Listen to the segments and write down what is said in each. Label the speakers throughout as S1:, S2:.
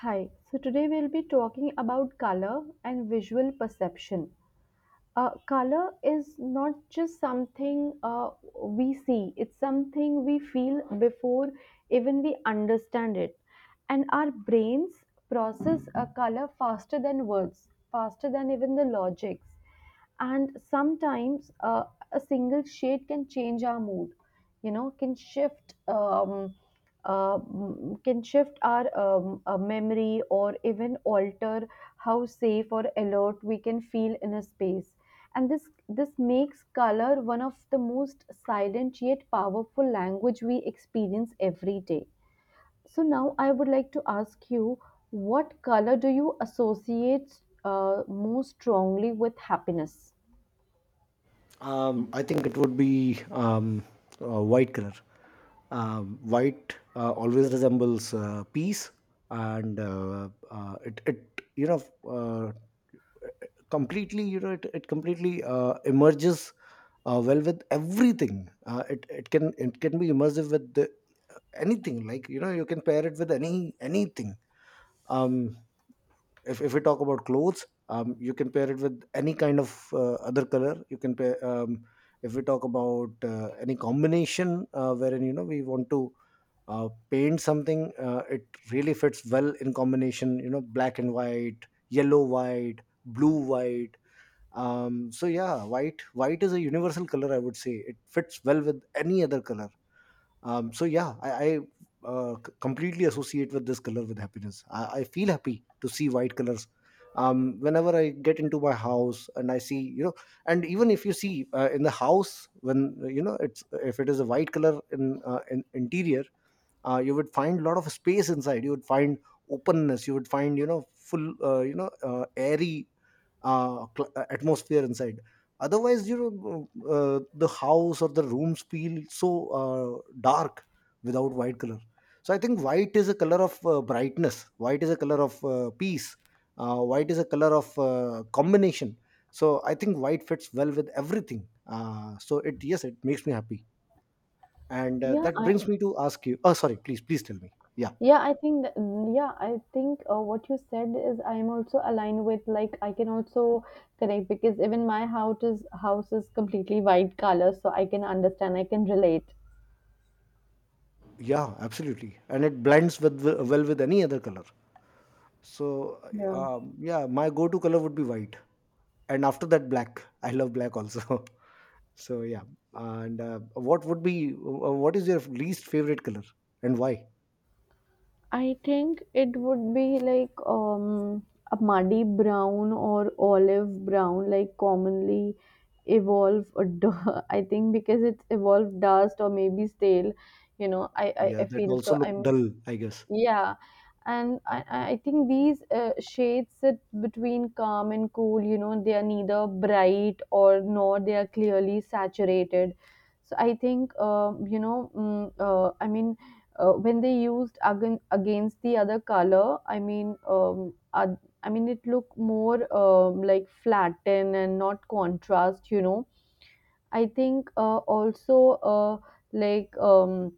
S1: Hi, so today we'll be talking about color and visual perception. Color is not just something we see, it's something we feel before even we understand it. And our brains process a color faster than words, faster than even the logics. And sometimes a single shade can change our mood, can shift. Can shift our memory or even alter how safe or alert we can feel in a space, and this makes color one of the most silent yet powerful language we experience every day. So now I would like to ask you, what color do you associate most strongly with happiness?
S2: I think it would be white color. White always resembles peace, and it you know uh, completely you know it completely emerges well with everything. It can be immersive with anything. Like you know you can pair it with anything. Um, if we talk about clothes, you can pair it with any kind of other color. You can pair, if we talk about any combination wherein you know we want to paint something, it really fits well in combination, you know, black and white, yellow white, blue white. So yeah, white is a universal color, I would say. It fits well with any other color. So yeah, I completely associate with this color with happiness. I feel happy to see white colors. Whenever I get into my house and I see, you know, and even if you see in the house, when you know, it's, if it is a white color in interior, you would find a lot of space inside. You would find openness, you would find, you know, full you know airy atmosphere inside. Otherwise, you know, the house or the rooms feel so dark without white color. So I think white is a color of brightness, white is a color of peace, white is a color of combination. So I think white fits well with everything, so it, yes, it makes me happy. And
S1: Yeah,
S2: that
S1: I.
S2: brings me to ask you. Oh, sorry, please, please tell me. Yeah.
S1: Yeah, I think that, mm, yeah, I think what you said is I am also aligned with, like, I can also connect because even my house is completely white color, so I can understand, I can relate.
S2: Yeah, absolutely, and it blends with well with any other color. So,
S1: Yeah.
S2: yeah, my go-to color would be white, and after that black. I love black also. So yeah. And what would be what is your least favorite color, and why?
S1: I think it would be like a muddy brown or olive brown, like commonly evolve. I think because it's evolved dust or maybe stale. You know,
S2: Yeah,
S1: I
S2: that
S1: feel
S2: also
S1: so.
S2: look
S1: I'm
S2: dull, I guess.
S1: yeah, and I think these shades sit between calm and cool. You know, they are neither bright or nor they are clearly saturated. So I think I mean, when they used against the other color, I mean, I mean, it looked more like flatten and not contrast. You know, I think also uh, like um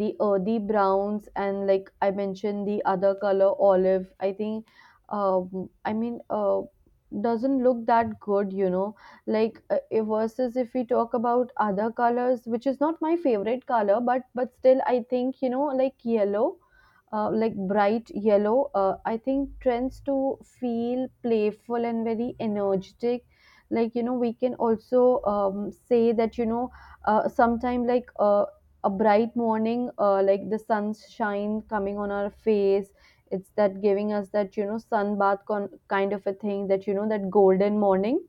S1: the earthy browns and, like I mentioned, the other color olive, I think um i mean uh doesn't look that good, you know, like versus if we talk about other colors which is not my favorite color, but still I think, you know, like yellow, like bright yellow, I think trends to feel playful and very energetic, like you know. We can also say that you know, sometime like a bright morning, like the sunshine coming on our face. It's that giving us that, you know, sun bath kind of a thing, that, you know, that golden morning,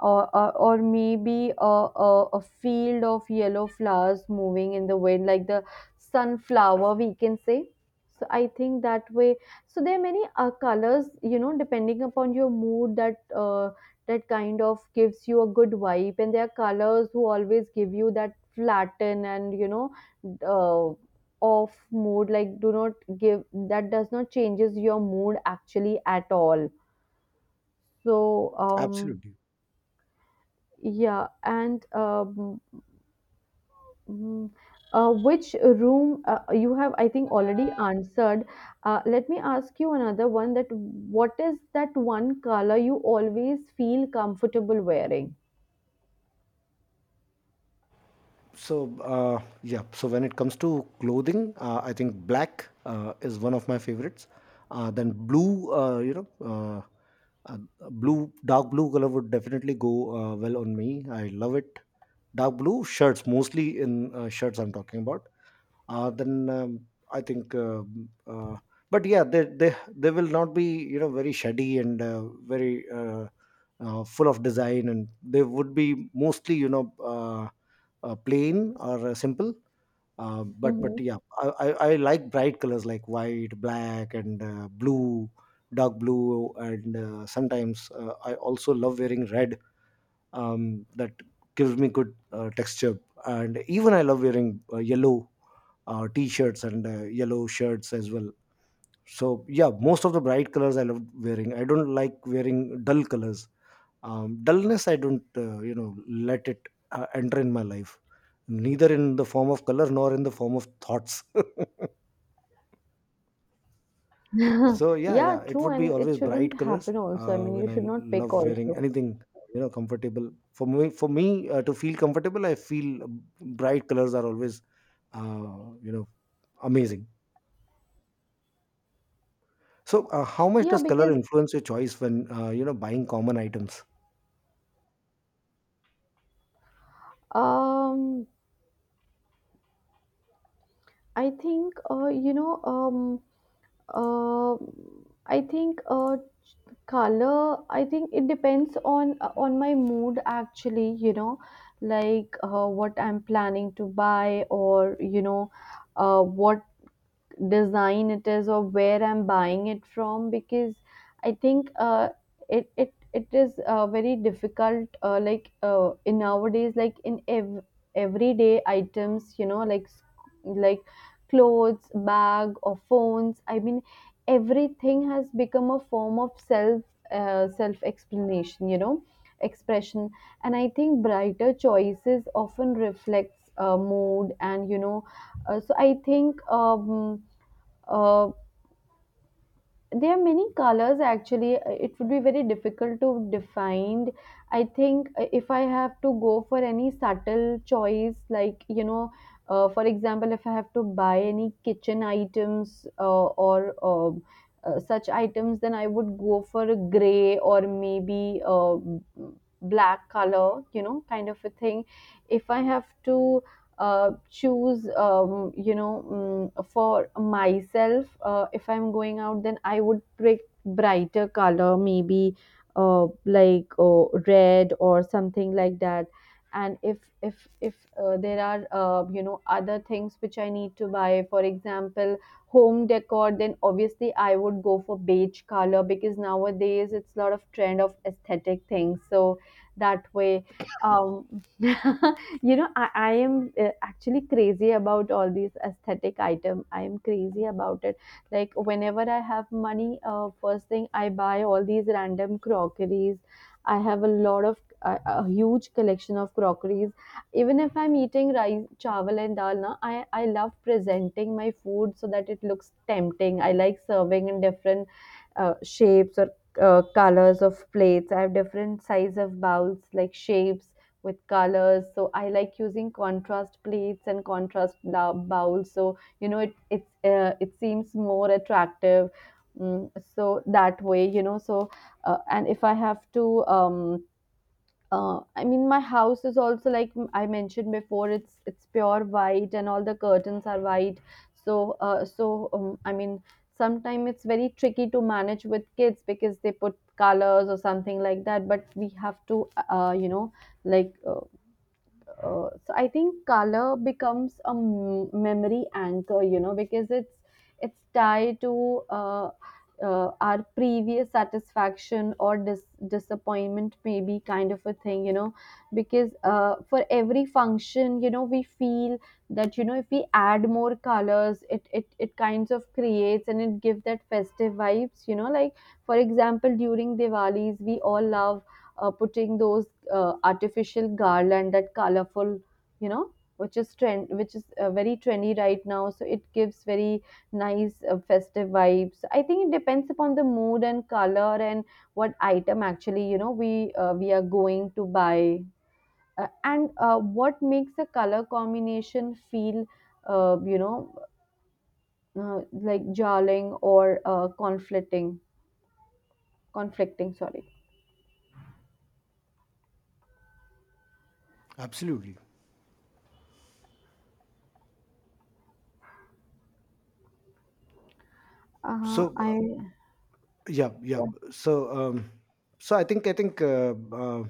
S1: or maybe a field of yellow flowers moving in the wind, like the sunflower, we can say. So I think that way. So there are many colors, you know, depending upon your mood, that that kind of gives you a good vibe, and there are colors who always give you that flatten and, you know, uh, off mood. Like, do not give that, does not changes your mood actually at all. So
S2: Absolutely.
S1: yeah, and mm, which room you have, I think, already answered. Let me ask you another one: that what is that one color you always feel comfortable wearing?
S2: So yeah, so when it comes to clothing, I think black is one of my favorites, then blue. Uh, Blue, dark blue color would definitely go well on me, I love it. Dark blue shirts, mostly in shirts I'm talking about. Then I think, but yeah, they, they will not be, you know, very shady and very full of design, and they would be mostly, you know, plain or simple. Uh, but
S1: Hmm.
S2: but yeah, I like bright colors like white, black, and blue, dark blue, and sometimes I also love wearing red. That gives me good texture. And even I love wearing yellow t-shirts and yellow shirts as well. So yeah, most of the bright colors I love wearing. I don't like wearing dull colors. Dullness, I don't you know, let it enter in my life, neither in the form of color nor in the form of thoughts. So yeah,
S1: Yeah,
S2: yeah, it
S1: true,
S2: would be
S1: and it
S2: always
S1: shouldn't
S2: bright colors.
S1: happen also. I mean, you
S2: When I
S1: should not pick
S2: love wearing
S1: also.
S2: anything, you know, comfortable for me. For me to feel comfortable, I feel bright colors are always, you know, amazing. So how much
S1: Yeah,
S2: does color
S1: because
S2: influence your choice when you know, buying common items?
S1: um, I think uh, I think color. I think it depends on my mood actually. You know, like, what I'm planning to buy, or, you know, what design it is or where I'm buying it from, because I think it is very difficult, in nowadays, like in everyday items, you know, like like clothes, bag or phones, I mean, everything has become a form of self, self explanation, you know, expression, and I think brighter choices often reflects mood and, you know, so I think uh, there are many colors actually. It would be very difficult to define. I think if I have to go for any subtle choice, like, you know, for example, if I have to buy any kitchen items or such items, then I would go for a gray or maybe black color, you know, kind of a thing. If I have to choose, you know, mm, for myself, if I'm going out, then I would pick brighter color, maybe red or something like that. And if there are, you know, other things which I need to buy, for example, home decor, then obviously I would go for beige color because nowadays it's a lot of trend of aesthetic things, so that way, um you know I am actually crazy about all these aesthetic item, I am crazy about it. Like, whenever I have money, first thing I buy all these random crockeries. I have a lot of, a huge collection of crockeries. Even if I'm eating rice, chawal and dal na, I love presenting my food so that it looks tempting. I like serving in different shapes or colors of plates. I have different size of bowls, like shapes with colors. So I like using contrast plates and contrast bowls. So, you know, it's it seems more attractive. Mm, so that way, you know. So and if I have to. I mean, my house is also, like I mentioned before, it's pure white, and all the curtains are white. So uh, so I mean, sometimes it's very tricky to manage with kids because they put colors or something like that. But we have to, uh, you know, like uh, so I think color becomes a memory anchor, you know, because it's tied to our previous satisfaction or disappointment, maybe, kind of a thing, you know, because for every function, you know, we feel that, you know, if we add more colors, it kinds of creates, and it gives that festive vibes, you know, like for example during Diwali's, we all love putting those artificial garland, that colorful, you know, which is trend, which is very trendy right now, so it gives very nice festive vibes. I think it depends upon the mood and color and what item actually, you know, we are going to buy. Uh, and what makes a color combination feel uh, you know like, jarring or conflicting, sorry.
S2: Absolutely. So
S1: I
S2: yeah, yeah.
S1: Yeah,
S2: So I think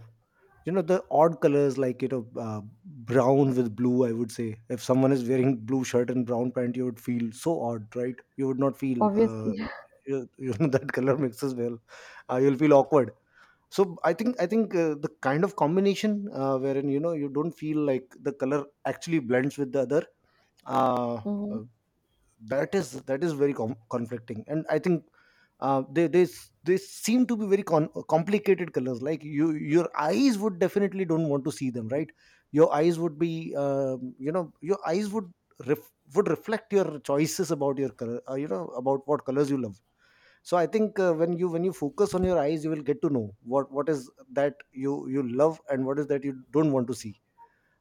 S2: you know, the odd colors, like, you know, brown with blue, I would say if someone is wearing blue shirt and brown pant, you would feel so odd, right? You would not feel uh
S1: obviously.
S2: you, you know That color mixes well, you'll feel awkward. So I think the kind of combination wherein you know, you don't feel like the color actually blends with the other, uh,
S1: Mhm.
S2: uh, that is very conflicting. And I think they seem to be very complicated colors, like you, your eyes would definitely don't want to see them, right? Your eyes would be, you know, your eyes would would reflect your choices about your color, you know, about what colors you love. So I think when you, when you focus on your eyes, you will get to know what is that you love, and what is that you don't want to see.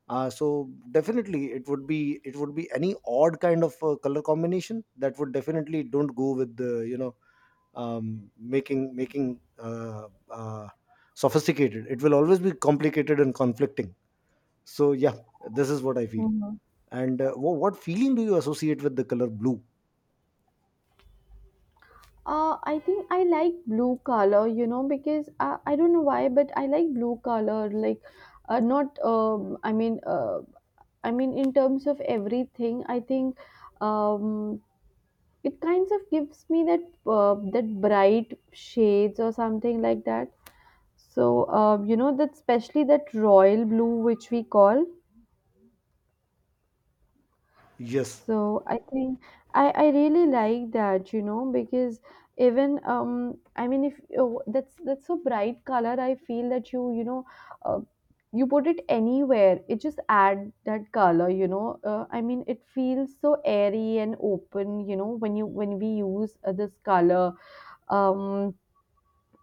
S2: So definitely it would be, it would be any odd kind of color combination that would definitely don't go with the, you know, making sophisticated. It will always be complicated and conflicting. So yeah, this is what I feel.
S1: Mhm.
S2: And what feeling do you associate with the color blue?
S1: I think I like blue color, you know, because I don't know why, but I like blue color. Like, not I mean, I mean, in terms of everything, I think um, it kind of gives me that that bright shades or something like that. So, you know, that especially that royal blue which we call.
S2: Yes,
S1: So I think I really like that, you know, because even I mean, if oh, that's a bright color, I feel that, you know, uh, you put it anywhere, it just add that color, you know. I mean, it feels so airy and open, you know, when you when we use this color. Um,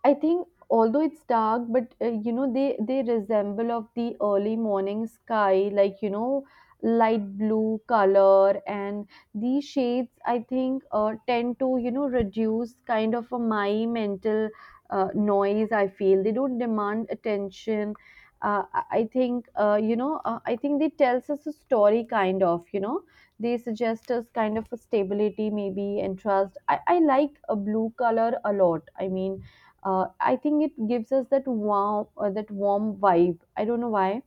S1: I think although it's dark, but you know, they resemble of the early morning sky, like, you know, light blue color. And these shades, I think, tend to, you know, reduce kind of a my mental noise. I feel they don't demand attention. I think I think they tells us a story, kind of, you know, they suggest us kind of a stability maybe and trust. I like a blue color a lot. I mean, I think it gives us that warm, that warm vibe. I don't know why,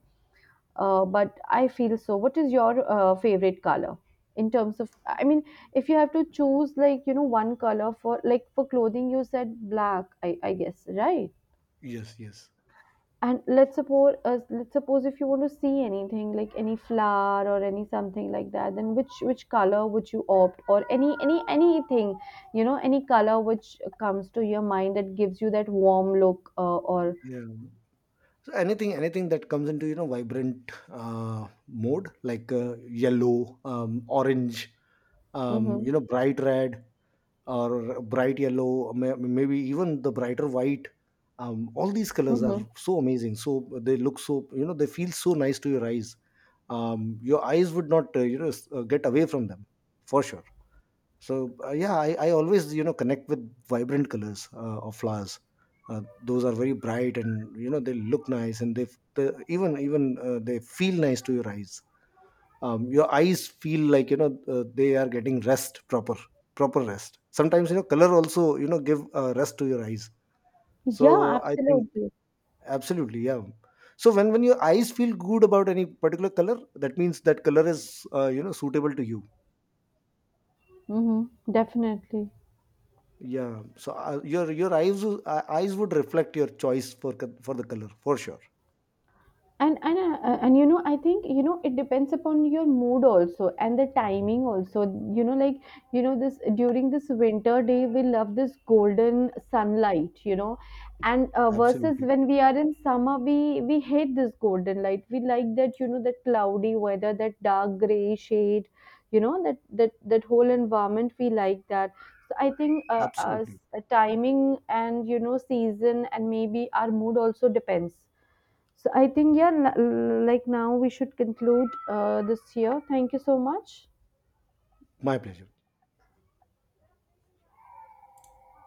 S1: but I feel so. What is your favorite color in terms of? I mean, if you have to choose, like, you know, one color for like for clothing, you said black. I guess, right.
S2: yes. Yes,
S1: And let's suppose, let's suppose if you want to see anything, like any flower or any something like that, then which color would you opt, or any anything, you know, any color which comes to your mind that gives you that warm look, or
S2: yeah. So anything, anything that comes into, you know, vibrant mode, like yellow, orange,
S1: Mhm.
S2: you know, bright red or bright yellow, maybe even the brighter white. All these colors are
S1: Mhm.
S2: so amazing. So they look so, you know, they feel so nice to your eyes. Your eyes would not, you know, get away from them for sure. So yeah, I always, you know, connect with vibrant colors of flowers. Those are very bright, and you know, they look nice, and they, they even they feel nice to your eyes. Your eyes feel like, you know, they are getting rest, proper, proper rest. Sometimes, you know, color also, you know, give rest to your eyes.
S1: Yeah,
S2: So I think
S1: absolutely.
S2: absolutely yeah. So when your eyes feel good about any particular color, that means that color is you know, suitable to you.
S1: Mhm. Definitely.
S2: Yeah. So your eyes eyes would reflect your choice for for the color for sure.
S1: And and, you know, I think, you know, it depends upon your mood also and the timing also, you know, like, you know, this during this winter day we love this golden sunlight, you know. And versus
S2: Absolutely.
S1: when we are in summer, we hate this golden light. We like that, you know, that cloudy weather, that dark gray shade, you know, that whole environment we like that. So I think
S2: Absolutely.
S1: timing and, you know, season and maybe our mood also depends. So I think, yeah, like now we should conclude this year. Thank you so much.
S2: My pleasure.